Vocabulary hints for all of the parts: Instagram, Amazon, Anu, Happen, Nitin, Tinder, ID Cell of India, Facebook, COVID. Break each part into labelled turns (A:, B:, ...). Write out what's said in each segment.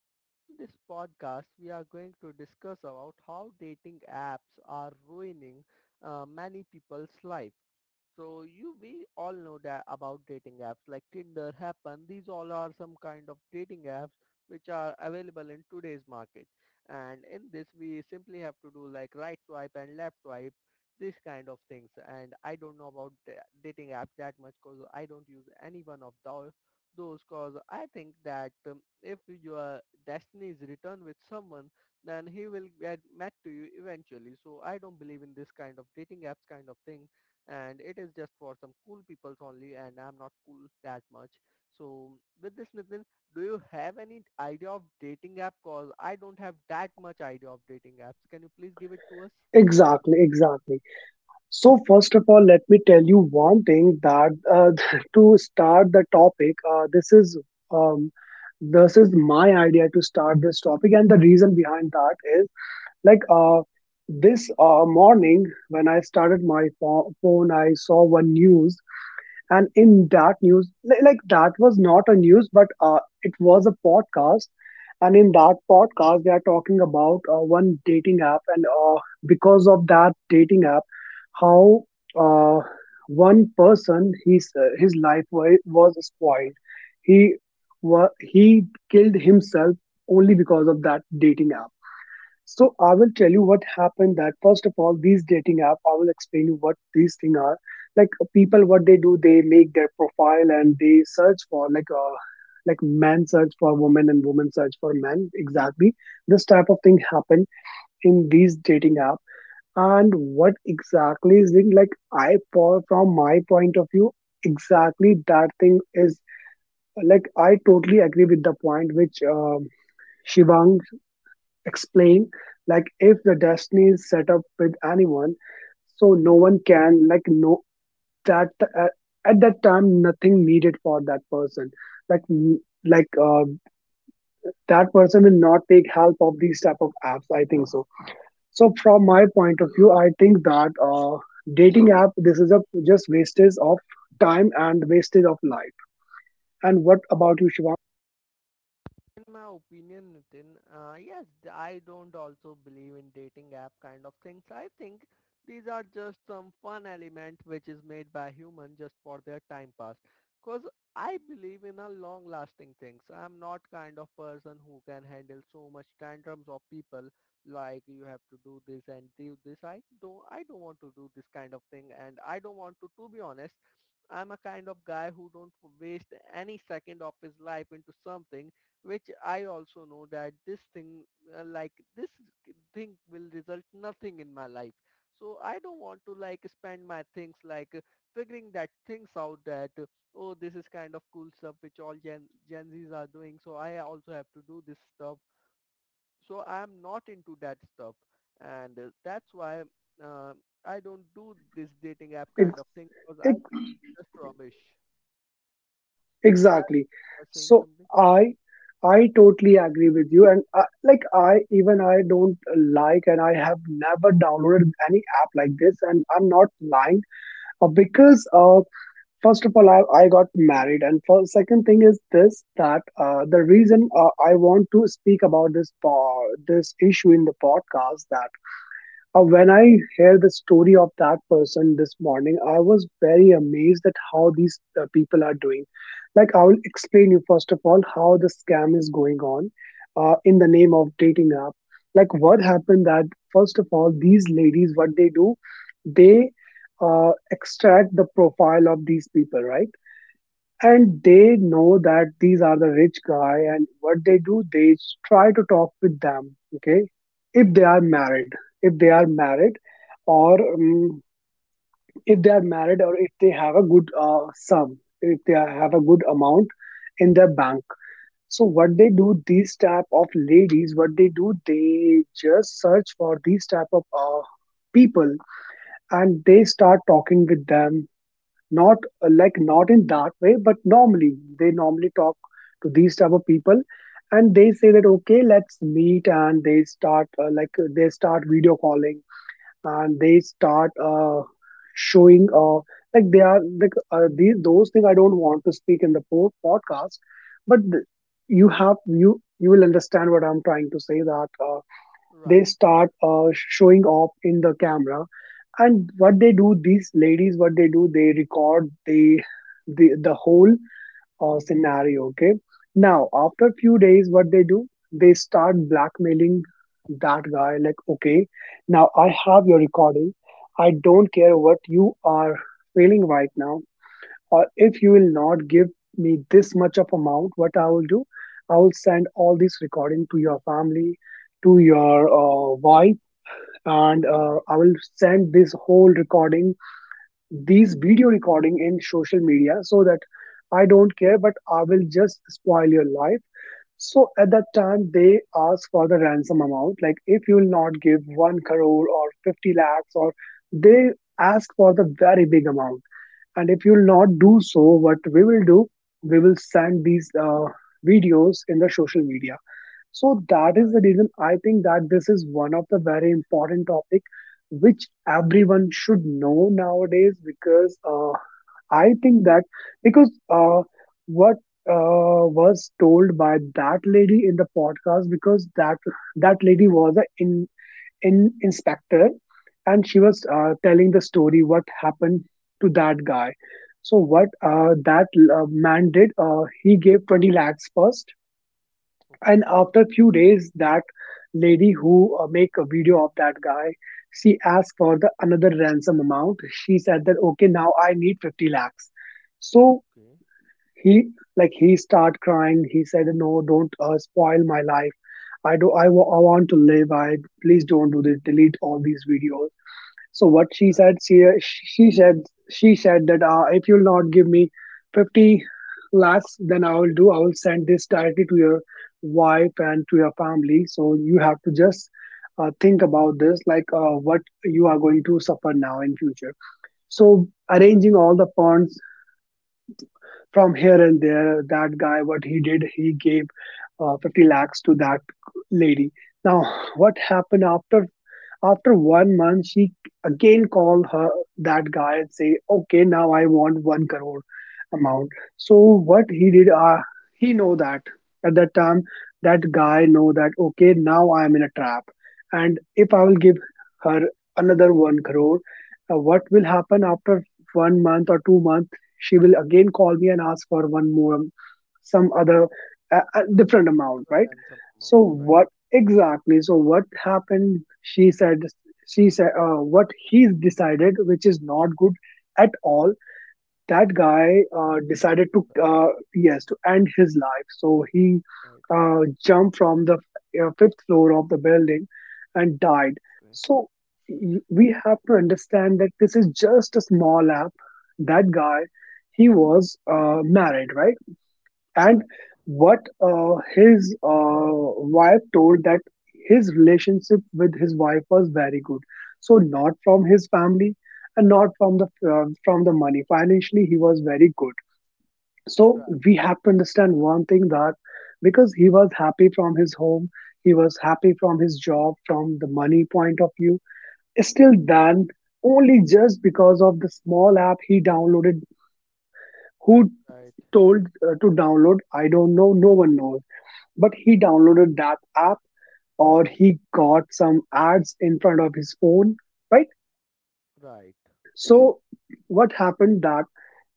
A: So, in this podcast, we are going to discuss about how dating apps are ruining many people's life. So you we all know that about dating apps like Tinder, Happen. These all are some kind of dating apps which are available in today's market. And in this, we simply have to do like right swipe and left swipe, this kind of things. And I don't know about dating apps that much because I don't use any one of those. Cause I think that if your destiny is returned with someone, then he will get met to you eventually. So I don't believe in this kind of dating apps kind of thing and it is just for some cool peoples only and I'm not cool that much. So with this Nitin, do you have any idea of dating app? Cause I don't have that much idea of dating apps. Can you please give it to us?
B: Exactly, exactly. So first of all, let me tell you one thing that to start the topic, um, this is my idea to start this topic, and the reason behind that is like uh, this morning when I started my phone, I saw one news. And
A: Okay.
B: in that news like that was not a news, but it was a podcast. And in that podcast they are talking about one dating app, and because of that dating app, how uh, one person, his life was spoiled. He he killed himself only because of that dating app. So I will tell you what happened, that first of all, these dating app, I will explain you what these things are. Like people, what they do, they make their profile and they search for, like men search for women and women search for men. Exactly. This type of thing happen in these dating app. And what exactly is it? Like, I for from my point of view, exactly that thing is, like, I totally agree with the point which Shivang explain, like if the destiny is set up with anyone, so no one can, like, know that, uh, at that time nothing needed for that person, like n- like uh, that person will not take help of these type of apps, I think so. So from my point of view, I think that, dating app, this is a just wastage of time and wastage of life. And what about you, Shivam?
A: In my opinion, Nitin, yes, I don't also believe in dating app kind of things. I think these are just some fun element which is made by human just for their time pass. Cause I believe in a long lasting thing. So I'm not kind of person who can handle so much tantrums of people like you have to do this and do this. I don't want to do this kind of thing and I don't want to be honest. I'm a kind of guy who don't waste any second of his life into something which I also know that this thing will result nothing in my life. So I don't want to like spend my things like figuring that things out that, oh, this is kind of cool stuff which all Gen Zs are doing. So I also have to do this stuff. So I'm not into that stuff. And that's why uh, I don't do this dating app kind of thing because I
B: Ex-
A: think it's just rubbish. Yeah,
B: exactly,
A: you are saying
B: so
A: something?
B: i I totally agree with you. And I, like, I, even I don't, like. And I have never downloaded any app like this, and I'm not lying. Because first of all, I got married, and for second thing is this that, the reason I want to speak about this issue in the podcast, that when I heard the story of that person this morning, I was very amazed at how these people are doing. Like, I will explain you first of all how the scam is going on, in the name of dating app. Like, what happened that first of all, these ladies, what they do, they extract the profile of these people, right? And they know that these are the rich guy, and what they do, they try to talk with them. Okay, if they
A: Okay.
B: are married. If they are married or if they are married or if they have a good sum if they are- have a good amount in their bank. So what they do, these type of ladies, what they do, they just search for these type of people, and they start talking with them, not like not in that way, but normally they normally talk to these type of people. And they say that, okay, let's meet, and they start video calling. And they start showing, like they are like, these those things I don't want to speak in the podcast, but you have, you will understand what I'm trying to say that, they
A: Right,
B: start showing off in the camera. And what they do, these ladies, what they do, they record the whole scenario. Okay, now after few days, what they do, they start blackmailing that guy, like, okay, now I have your recording, I don't care what you are feeling right now, or if you will not give me this much of amount, what I will do, I will send all this recording to your family, to your wife, and
A: right,
B: I will send this whole recording, these video recording in social media, so that, I don't care, but I will just spoil your life. So at that time, they ask for the ransom amount. Like if you will not give one crore or 50 lakhs, or they ask for the very big amount. And if you will not do so, what we will do, we will send these videos in the social media. So that is the
A: right.
B: reason I think that this is one of the very important topic which everyone should know nowadays, because I think that, because what was told by that lady in the podcast, because that lady was an in inspector, and she was telling the story what happened to that guy. So what that man did, he gave 20 lakhs first. And
A: Okay,
B: after a few days, that lady who make a video of that guy, she asked for the another ransom amount. She said that, okay, now I need 50 lakhs. So
A: okay,
B: he he start crying. He said, no, don't spoil my life, I want to live, I, please don't do this, delete all these videos. So what she said,
A: right,
B: she said that, if you'll not give me 50 lakhs, then I will do. I will send this directly to your wife and to your family. So you have to just think about this, like, what you are going to suffer now in future. So arranging all the funds from here and there, that guy, what he did, he gave 50 lakhs to that lady. Now, what happened, after one month, she again called her that guy and say, "Okay, now I want one crore amount." So what he did, he know that at that time, that guy know that, okay, now I am in a trap, and if I will give
A: okay.
B: her another one crore, what will happen after one month or 2 month? She will again call me and ask for one more, some other
A: Right.
B: different amount,
A: Another
B: right?
A: ransom amount,
B: So
A: right.
B: what exactly so what happened, she said, what he's decided, which is not good at all. That
A: He
B: guy
A: comes to.
B: decided to,
A: Right,
B: yes, to end his life. So he
A: right, right.
B: jumped from the fifth floor of the building and died.
A: Okay.
B: So we have to understand that this is just a small app. That guy, he was married, right? And
A: Right,
B: what his wife told, that his relationship with his wife was very good. So not from his family, and not from the money, financially he was very good. So we have to understand one thing, that because he was happy from his home, he was happy from his job, from the money point of view. Still then, only just because of the small app he downloaded, who
A: right,
B: told to download, I don't know, no one knows. But he downloaded that app, or he got some ads in front of his phone, right?
A: right,
B: So what happened, that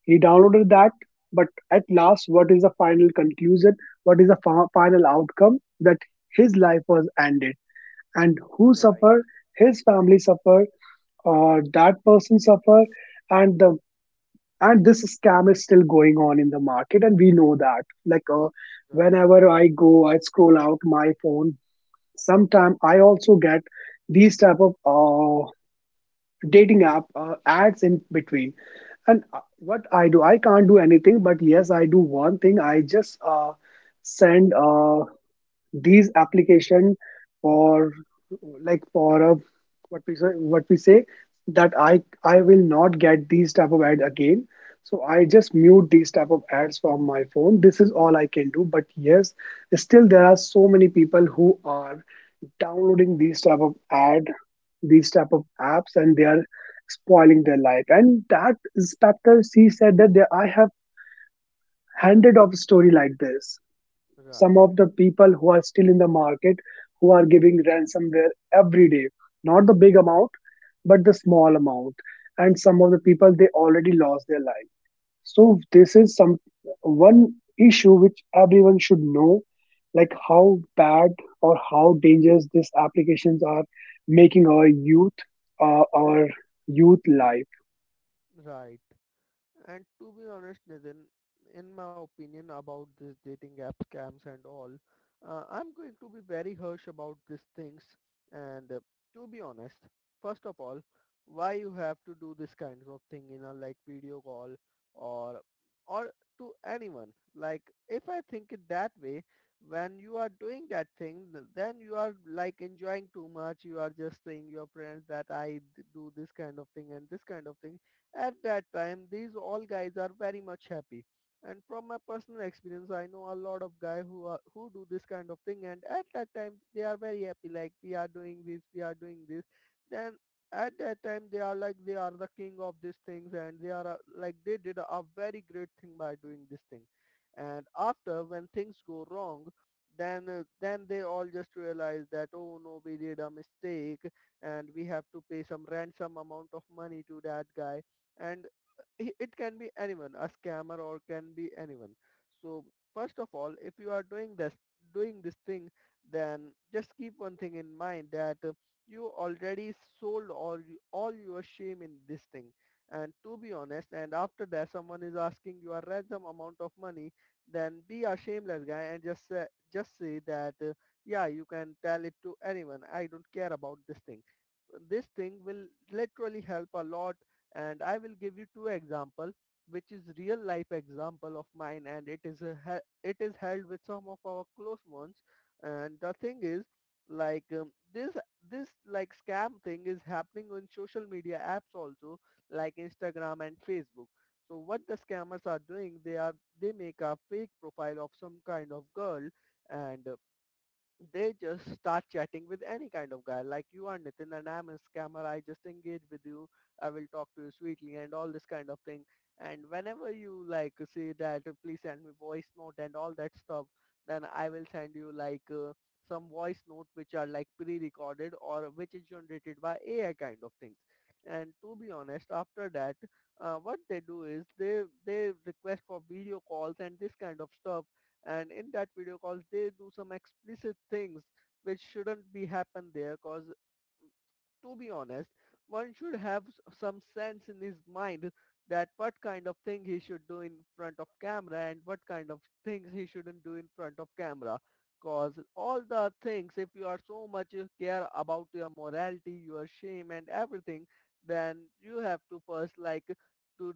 B: he downloaded that. But at last, what is the final conclusion, what is the final outcome? That his life was ended. And who
A: right,
B: suffer, his family suffer or that person suffer. And the and this scam is still going on in the market. And we know that,
A: right,
B: whenever I go, I scroll out my phone, sometime I also get these type of dating app ads in between. And what I do, I can't do anything, but yes, I do one thing, I just send these application for, like, for a, what we say, what we say that I will not get these type of ad again. So I just mute these type of ads from my phone. This is all I can do. But yes, still there are so many people who are downloading these type of ad, these type of apps, and they are spoiling their life. And that inspector c said that, they, I have handed off a story like this, some
A: right,
B: of the people who are still in the market, who are giving ransomware every day, not the big amount but the small amount. And some of the people, they already lost their life. So this is some one issue which everyone should know, like how bad or how dangerous these applications are making our youth life.
A: right, right. And to be honest, Nitin, in my opinion about this dating app scams and all, I'm going to be very harsh about these things. And to be honest, first of all, why you have to do this kinds of thing in a like video call or or to anyone? Like if I think it that way, when you are doing that thing, then you are like enjoying too much. You are just saying your friends that I do this kind of thing and this kind of thing at that time these all guys are very much happy, and from my personal experience I know a lot of guys who do this kind of thing, and at that time they are very happy like we are doing this, we are doing this. Then at that time they are like they are the king of these things and they are like they did a very great thing by doing this thing. And after when things go wrong, then they all just realize that oh no, we did a mistake and we have to pay some ransom amount of money to that guy. And it can be anyone, a scammer or can be anyone. So first of all, if you are doing this thing, then just keep one thing in mind that you already sold all your shame in this thing. And to be honest, and after that, someone is asking you a ransom amount of money, then be a shameless guy and just say that yeah, you can tell it to anyone, I don't care about this thing. This thing will literally help a lot. And I will give you two example, which is real life example of mine, and it is held with some of our close ones. And the thing is like this like scam thing is happening on social media apps also like Instagram and Facebook. So what the scammers are doing, they make a fake profile of some kind of girl, and they just start chatting with any kind of guy. Like you are Nitin and I'm a scammer. I just engage with you. I will talk to you sweetly and all this kind of thing. And whenever you like say that please send me voice note and all that stuff, then I will send you like some voice note which are like pre-recorded or which is generated by AI kind of things. And to be honest, after that, what they do is they request for video calls and this kind of stuff, and in that video calls they do some explicit things which shouldn't be happen there, cause to be honest, one should have some sense in his mind that what kind of thing he should do in front of camera and what kind of things he shouldn't do in front of camera. Cause all the things, if you are so much you care about your morality, your shame and everything, then you have to first like to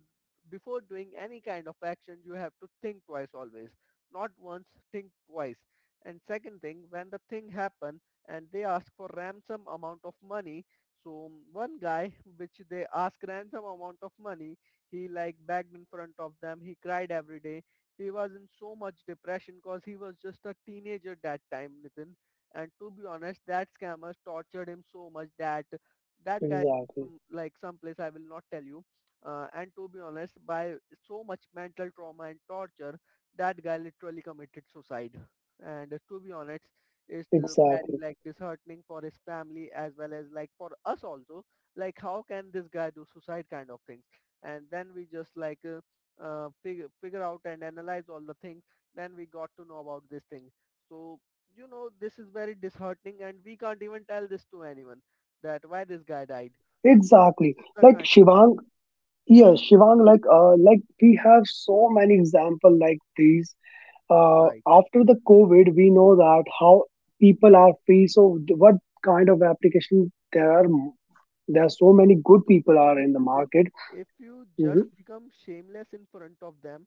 A: before doing any kind of action, you have to think twice always. Not once, think twice. And second thing, when the thing happen and they ask for ransom amount of money, so one guy, which they asked ransom amount of money, he like begged in front of them. He cried every day. He was in so much depression because he was just a teenager that time, Nitin. And to be honest, that scammers tortured him so much that that guy,
B: Exactly,
A: like someplace I will not tell you. And to be honest, by so much mental trauma and torture, that guy literally committed suicide. And to be honest, is very
B: exactly,
A: like disheartening for his family as well as like for us also. Like how can this guy do suicide kind of things? And then we just like figure out and analyze all the things, then we got to know about this thing. So you know, this is very disheartening and we can't even tell this to anyone that why this guy died. So
B: exactly.
A: this is the
B: Like
A: kind of.
B: Shivang, yes, Shivang. Like, we have so many example like these.
A: Right.
B: After the COVID, we know that how people are free. So, what kind of application there are, so many good
A: To be
B: people are
A: honest,
B: in the
A: Nitin,
B: market.
A: if you just
B: Mhm.
A: become shameless in front of them,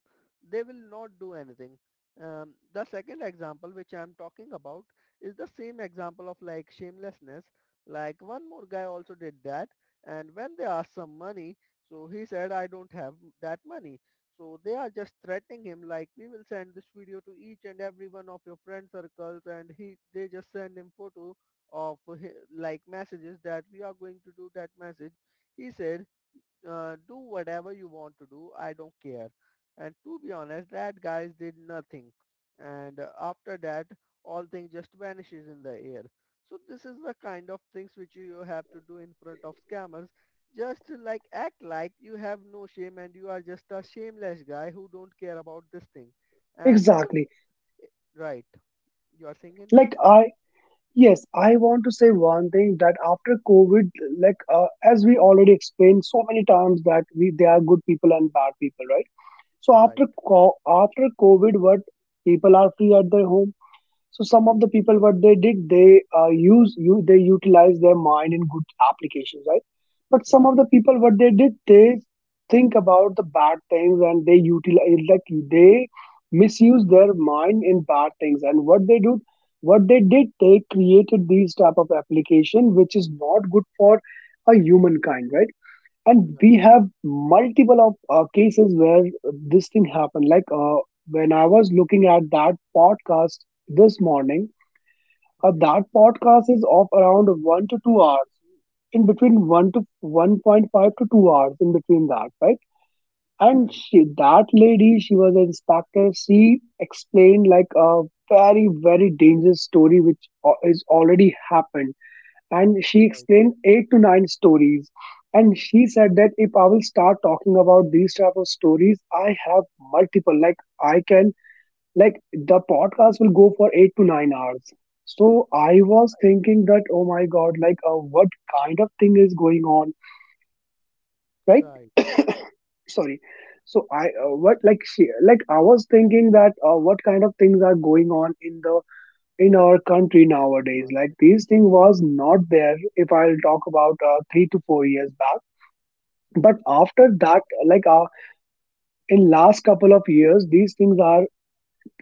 A: they will not do anything. The second example which I'm talking about is the same example of like shamelessness. Like one more guy also did that, and when they asked some money, so he said, "I don't have that money." So they are just threatening him, like, "We will send this video to each and every one of your friend circles," and he they just send him photo of like messages that we are going to do that message. He said, do whatever you want to do. I don't care. And to be honest, that guys did nothing. And after that, all things just vanishes in the air. So this is the kind of things which you have to do in front of scammers. Just like act like you have no shame and you are just a shameless guy who don't care about this thing. And if,
B: exactly
A: right, you are saying anything?
B: like I Yes, I want to say one thing that after COVID, as we already explained so many times, that we there are good people and bad people, right? So
A: Right,
B: after COVID, what, people are free at their home. So some of the people,
A: right,
B: what they did, they utilize their mind in good applications, right? But some
A: right,
B: of the people, what they did, they think about the bad things and they utilize like they misuse their mind in bad things. And what they did, they created these type of application which is not good for a humankind, right? And
A: right.
B: we have multiple of cases where this thing happened, when I was looking at that podcast this morning.
A: Okay,
B: That podcast is of around 1 to 2 hours, in between 1 to 1.5 to 2 hours, in between that, right? And
A: right,
B: that lady, she was an inspector. She explained like a very very dangerous story which is already happened, and she
A: right,
B: explained eight to nine stories. And she said that if I will start talking about these type of stories, I have multiple like I can like the podcast will go for 8 to 9 hours. So I was
A: right,
B: thinking that, oh my god, what kind of thing is going on, right?
A: right.
B: Sorry. so i uh,
A: No,
B: what like she, like i was thinking that, what kind of things are going on in the in our country nowadays. Like,
A: Market,
B: these thing
A: right,
B: was not there if I'll talk about 3 to 4 years back. But after that, like uh, in last couple of years, these things are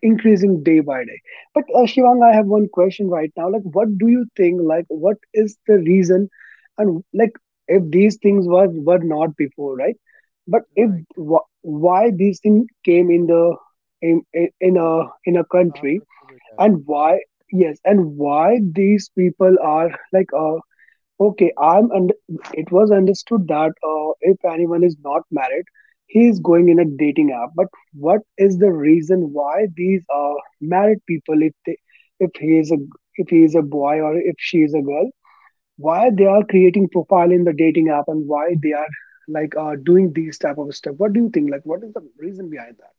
B: increasing day by day. But Shivang, I have one question right now. Like, what do you think? Like,
A: okay,
B: what is the reason? And like, if these things were not before, right? But if,
A: right.
B: why these things came in the, in a
A: After
B: country?
A: COVID era,
B: And why,
A: right,
B: yes, and why these people are like okay I'm and it was understood that, if anyone is not married, he is going in a dating app. But what is the reason why these married people, if they, if he is a if he is a boy or if she is a girl, why they are
A: right.
B: creating profile in the dating app and why they are doing these type of stuff? What do you think, like, what is the reason behind that?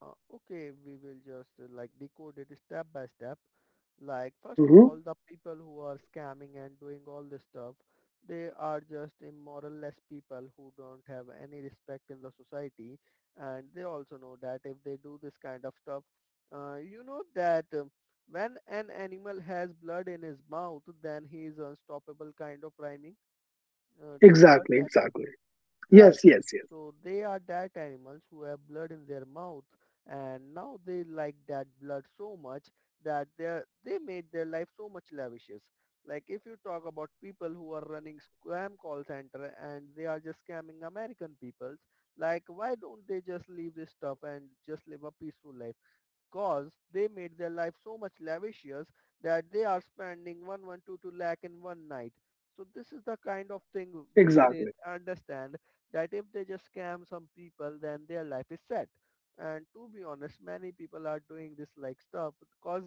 A: Okay, we will just like decode it step by step. Like, first of
B: Mm-hmm.
A: all, the people who are scamming and doing all this stuff, they are just immoral less people who don't have any respect in the society, and they also know that if they do this kind of stuff, you know that. When an animal has blood in his mouth, then he is unstoppable kind of rhyming. Do you heard
B: exactly
A: that?
B: exactly yes
A: Right.
B: yes yes
A: So they are that animals who have blood in their mouth, and now they like that blood so much that they made their life so much lavishes. Like if you talk about people who are running scam call center and they are just scamming American peoples, like why don't they just leave this stuff and just live a peaceful life? Cause they made their life so much lavishious that they are spending 1,122 lakh in one night. So this is the kind of thing which they
B: Exactly.
A: understand that if they just scam some people, then their life is set. And to be honest, many people are doing this like stuff because,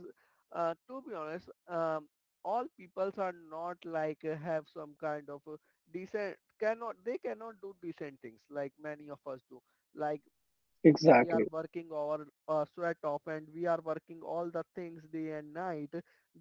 A: to be honest, all peoples are not like have some kind of decent cannot they cannot do decent things like many of us do like we are
B: Exactly,
A: working our sweat off and we are working all the things day and night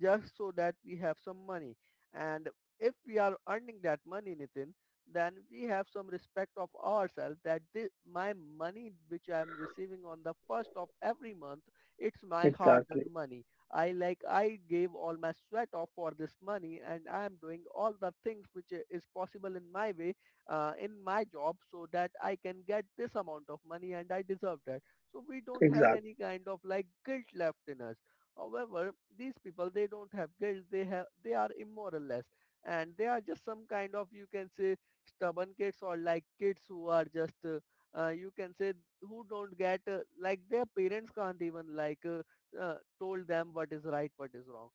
A: just so that we have some money. And if we are earning that money, Nitin, then we have some respect of ourselves that this, my money which I am receiving on the first of every month, it's my hard
B: exactly,
A: earned money. I gave all my sweat off for this money and I am doing all the things which is possible in my way, in my job so that I can get this amount of money and I deserve that. So we don't have
B: exactly,
A: any kind of like guilt left in us. However, these people they don't have guilt. They have they are immoral less, and they are just some kind of, you can say, stubborn kids or like kids who are just you can say, who don't get like their parents can't even like uh, told them what is right, what is wrong,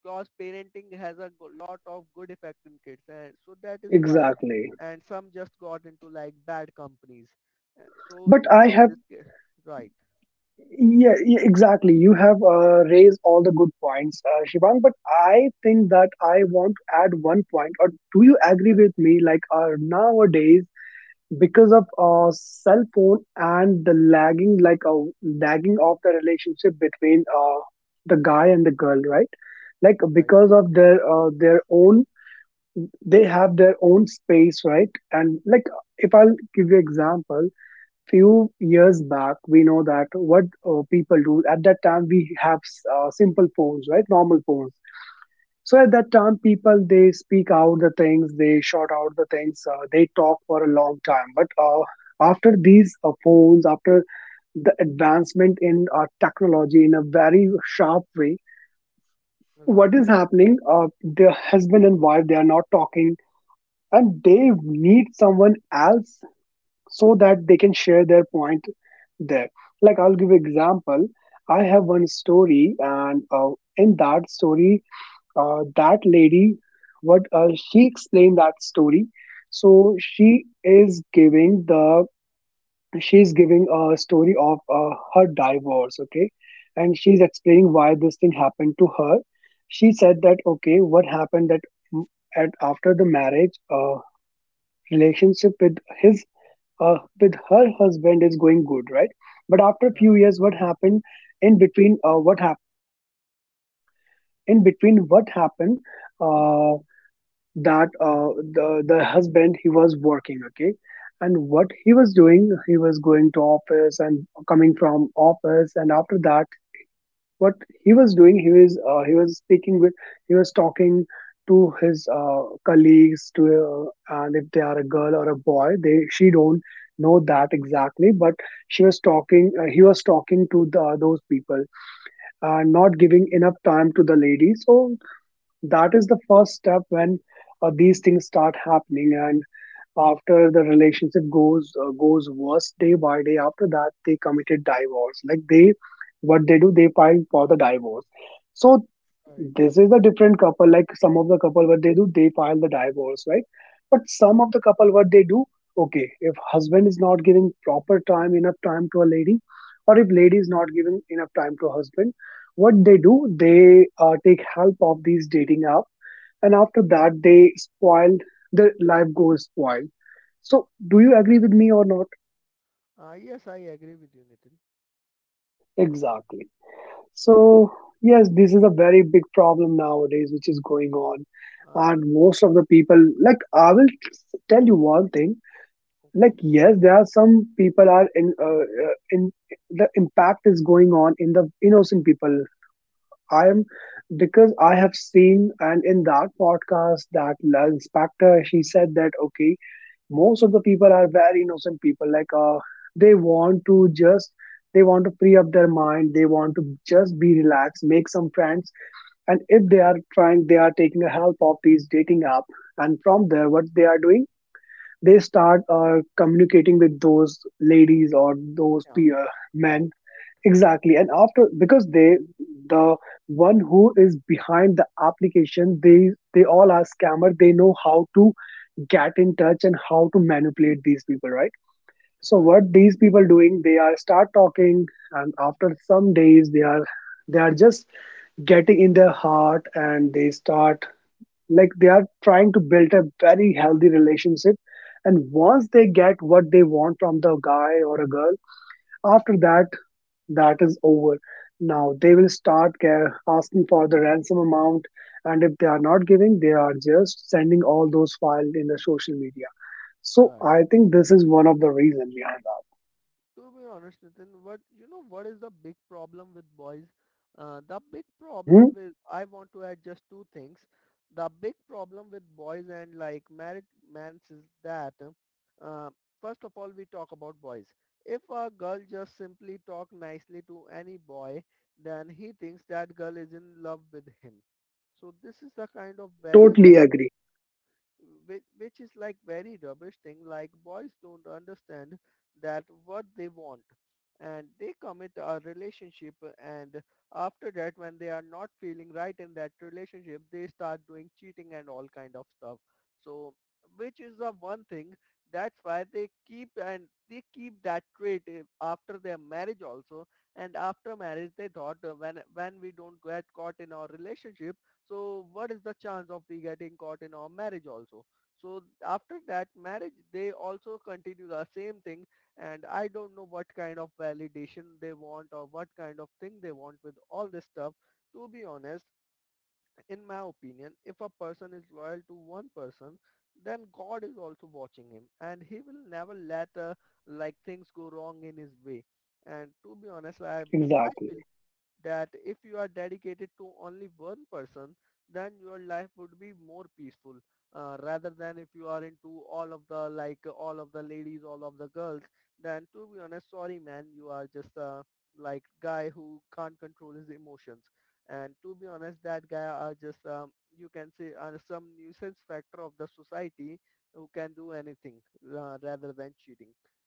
A: because parenting has a lot of good effect in kids and so that is why.
B: exactly.
A: And some just got into like bad companies. So
B: But I
A: for
B: have,
A: this, right,
B: yeah, exactly. You have raised all the good points, Shivang. But I think that I want to add one point. Or do you agree
A: right,
B: with me? Like, nowadays, because of cell phone and the lagging, like a lagging of the relationship between, the guy and the girl, right? Like,
A: right,
B: because of their, their own, they have their own space, right? And like, if I'll give you example, few years back, we know that what people do. At that time, we have simple phones, right, normal phones. So at that time, people, they speak out the things, they shout out the things, they talk for a long time. But after these phones, after the advancement in technology in a very sharp way,
A: right,
B: what is happening, the husband and wife, they are not talking, and they need someone else so that they can share their point there. Like, I'll give example. I have one story, and in that story, that lady, what she explained, that story, so she is giving the she is giving a story of her divorce, okay, and she's explaining why this thing happened to her. She said that, okay, what happened that, mm, at after the marriage, relationship with his with her husband is going good, right? But after a few
A: right,
B: years, what happened, in between, what happened, in between what happened, uh, that the husband, he was working, okay. And what he was doing, he was going to office and coming from office, and after that, what he was doing, he was talking to his colleagues, to and if they are a girl or a boy, they she don't know that exactly, but she was talking he was talking to the, those people and not giving enough time to the lady. So that is the first step, when these things start happening. And after the relationship goes goes worse day by day, after that they committed divorce, like they, what they do, they file for the divorce. So
A: right,
B: this is a different couple, like some of the couple, what they do, they file the divorce, right? But some of the couple, what they do, okay, if husband is not giving proper time, enough time, to a lady, or if lady is not giving enough time to husband, what they do, they take help of these dating app, and after that they spoiled their life goes spoiled. So do you agree
A: right.
B: with me or not?
A: Yes, I agree with you, Nitin.
B: Exactly. So yes, this is a very big problem nowadays which is going on.
A: Uh,
B: And most of the people, like I will tell you one thing. Like,
A: okay,
B: yes, there are some people are in, in, the impact is going on in the innocent people. I am
A: right,
B: Because I have seen, and in that podcast, that La inspector, she said that, okay, most of the people are very innocent people, they want to just, they want to free up their mind, they want to just be relaxed, make some friends. And if they are trying, they are taking the help of these dating app, and from there, what they are doing, they start communicating with those ladies or those
A: cameras,
B: peer
A: right,
B: men. Exactly. And after, because they, the one who is behind the application, they all are scammer, they know how to get in touch and how to manipulate these people, right? So
A: right,
B: what these people doing, they are start talking, and after some days, they are, they are just getting in their heart, and they start, like, they are trying to build a very healthy relationship. And
A: right,
B: once they get what they want from the guy or a girl, after that, that is over. Now they will start asking for the ransom amount. And if they are not giving, they are just sending all those files in the social media. So
A: right.
B: I think this is one of the reason behind
A: To be honest, Nitin, what you know, what is the big problem with boys? The big
B: that. Hmm.
A: problem with I want to add just two things. The big problem with boys and like married men is that uh, first of all we talk about boys. If a girl just simply talk nicely to any boy, then he thinks that girl is in love with him. So this is the kind of very
B: Totally agree.
A: which is like very rubbish thing. Like boys don't understand that what they want, and they commit a relationship, and after that when they are not feeling right in that relationship they start doing cheating and all kind of stuff. So which is the one thing, that's why they keep, and they keep that trait eh, after their marriage also. And after marriage they thought, when we don't get caught in our relationship, so what is the chance of we getting caught in our marriage also? So after that marriage, they also continue the same thing, and I don't know what kind of validation they want or what kind of thing they want with all this stuff. To be honest, in my opinion, if a person is loyal to one person, then God is also watching him and he will never let like things go wrong in his way. And to be honest, I believe
B: Exactly.
A: that if you are dedicated to only one person, then your life would be more peaceful, rather than if you are into all of the like all of the ladies, all of the girls. Then to be honest, sorry man, you are just a like guy who can't control his emotions. And to be honest, that guy are just you can say are some nuisance factor of the society who can do anything, rather than cheating.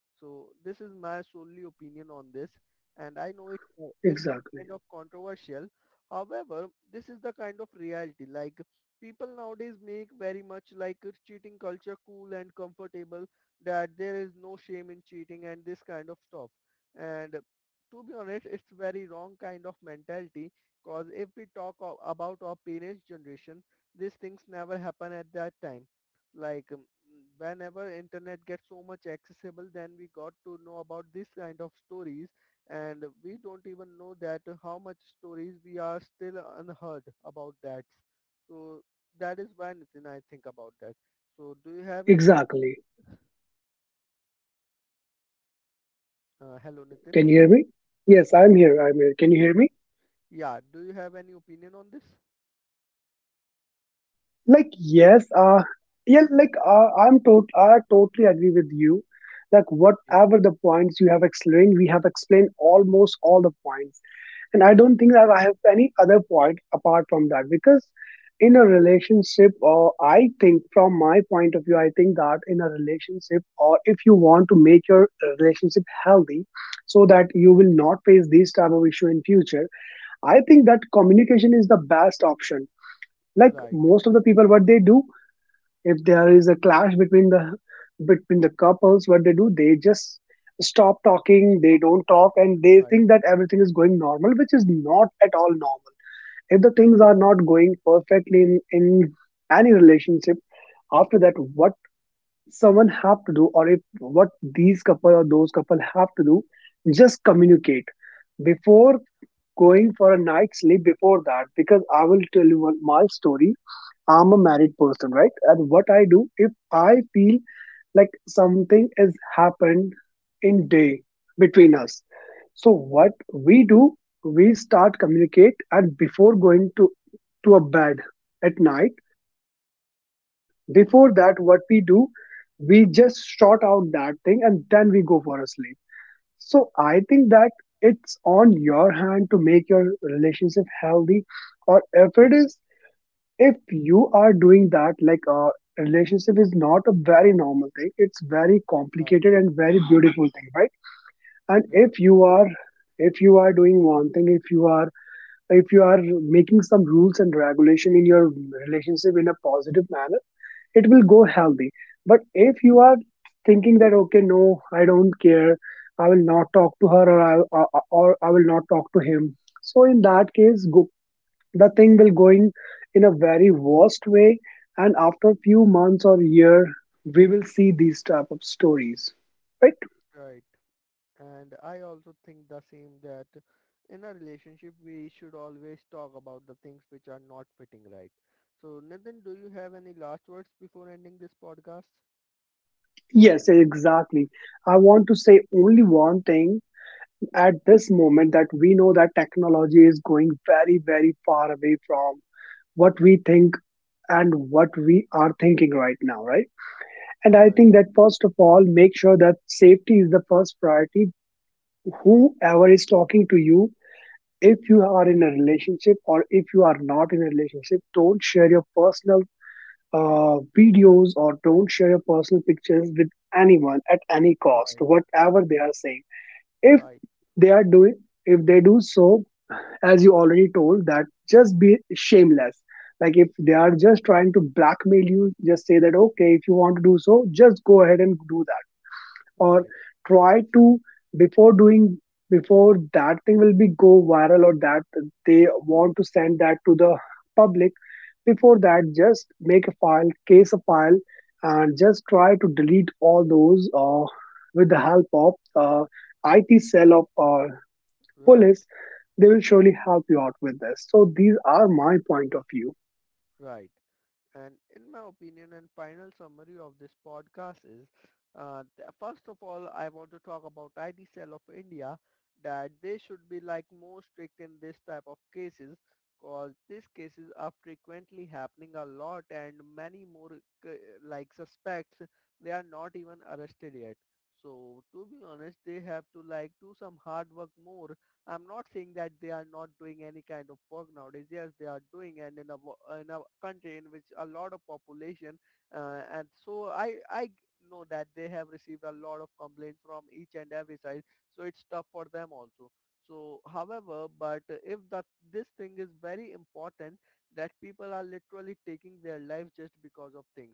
A: So this is my solely opinion on this, and I know it's kind
B: Exactly.
A: of controversial. However, this is the kind of reality. Like people nowadays make very much like a cheating culture cool and comfortable, that there is no shame in cheating and this kind of stuff. And to be honest, it's very wrong kind of mentality, because if we talk about our parents' generation, these things never happen at that time. Like whenever internet gets so much accessible, then we got to know about this kind of stories, and we don't even know that how much stories we are still unheard about that. So that is why, Nitin, I think about that. So do you have any?
B: Exactly.
A: Hello, Nitin.
B: Can you hear me? Yes, I'm here. I'm here. Can you hear me?
A: Yeah, do you have any opinion on this?
B: Like, yes. Yeah. Like, I totally agree with you. Like,
A: Okay,
B: whatever the points you have explained, we have explained almost all the points. And I
A: right,
B: don't think that I have any other point apart from that, because in a relationship, or I think from my point of view, I think that in a relationship, or if you want to make your relationship healthy so that you will
A: right,
B: not face this type of issue in future, I think that communication is the best option. Like,
A: right.
B: most of the people, what they do, if there is a clash between the, between the couples, what they do, they just stop talking,
A: Stop.
B: they don't talk, and they
A: Right,
B: think that everything is going normal, which is not at all normal. If the things are not going perfectly in any relationship, after that, what someone have to do, or if what these couple or those couple have to do, just communicate before going for a night's sleep. Before that, because I will tell you one, my story. I'm a married person, right? And what I do, if I feel like something has happened in day between us, so what we do, we start communicate, and before going to a bed at night, before that, what we do, we just sort out that thing, and then we go for a sleep. So I think that it's on your hand to make your relationship healthy, or if it is, if you are doing that, like a relationship is not a very normal thing, it's very
A: right,
B: complicated and very beautiful thing, right? And
A: right,
B: if you are, if you are doing one thing, if you are, if you are making some rules and regulation in your relationship in a positive manner, it will go healthy. But if you are thinking that, okay, no, I don't care, I will not talk to her, or or I will not talk to him, so in that case, go the thing will going in a very worst way, and after few months or year, we will see these type of stories, right?
A: right, right. And I also think the same that in a relationship we should always talk about the things which are not fitting right. So Nathan, do you have any last words before ending this podcast?
B: Yes, exactly, I want to say only one thing at this moment, that we know that technology is going very very far away from what we think and what we are thinking right now, right? And I
A: Right,
B: think that first of all, make sure that safety is the first priority. Whoever is talking to you, if you are in a relationship or if you are not in a relationship, don't share your personal videos, or don't share your personal pictures with anyone at any
A: right,
B: cost, whatever they are saying. If
A: right,
B: they are doing, if they do so, as you already told, that just be shameless. Like, if they are just trying to blackmail you, just say that, okay, if you want to do so, just go ahead and do that.
A: right,
B: Or try to, before doing, before that thing will be go viral, or that they want to send that to the public, before that, just make a file case, a file, and just try to delete all those, with the help of uh, IT cell of
A: right.
B: police. They will surely help you out with this. So these are my point of view.
A: Right. And in my opinion and final summary of this podcast is, first of all, I want to talk about ID Cell of India, that they should be like more strict in this type of cases, because these cases are frequently happening a lot and many more c- like suspects, they are not even arrested yet. So to be honest, they have to like do some hard work more. I'm not saying that they are not doing any kind of work nowadays. Yes, they are doing, and in a in a country in which a lot of population, and so I know that they have received a lot of complaints from each and every side. So it's tough for them also. So, however, but if that this thing is very important, that people are literally taking their life just because of things,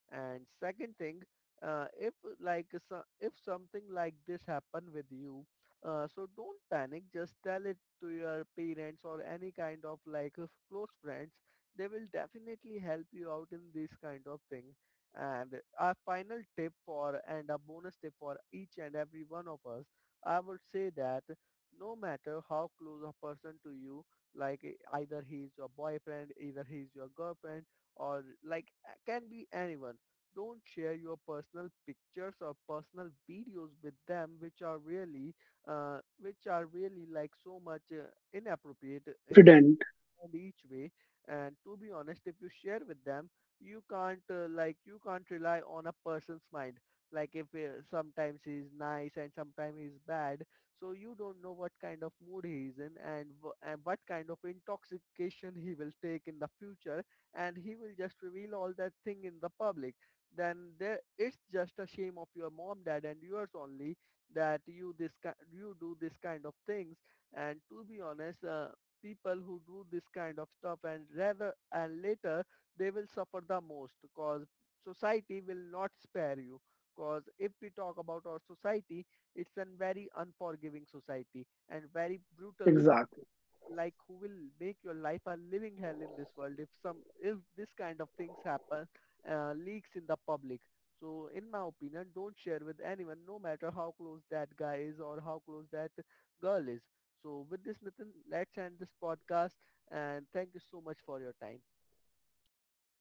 A: and second thing, if like if something like this happen with you, so don't panic, just tell it to your parents or any kind of like of close friends. They will definitely help you out in this kind of thing. And a final tip for and a bonus tip for each and every one of us, I would say that no matter how close a person to you, like either he is your boyfriend, either he is your girlfriend, or like can be anyone. Don't share your personal pictures or personal videos with them, which are really like so much inappropriate in
B: Confident.
A: and each way. And to be honest, if you share with them, you can't like you can't rely on a person's mind. Like if sometimes he's nice and sometimes he's bad, so you don't know what kind of mood he is in, and and what kind of intoxication he will take in the future, and he will just reveal all that thing in the public. Then there, it's just a shame of your mom, dad, and yours only, that you this you do this kind of things. And to be honest, people who do this kind of stuff, and rather and later, they will suffer the most, because society will not spare you. Because if we talk about our society, it's a very unforgiving society and very brutal.
B: Exactly.
A: Like who will make your life a living hell in this world, if some if this kind of things happen, leaks in the public. So in my opinion, don't share with anyone, no matter how close that guy is or how close that girl is. So with this, Nitin, let's end this podcast, and thank you so much for your time.
B: Thank you.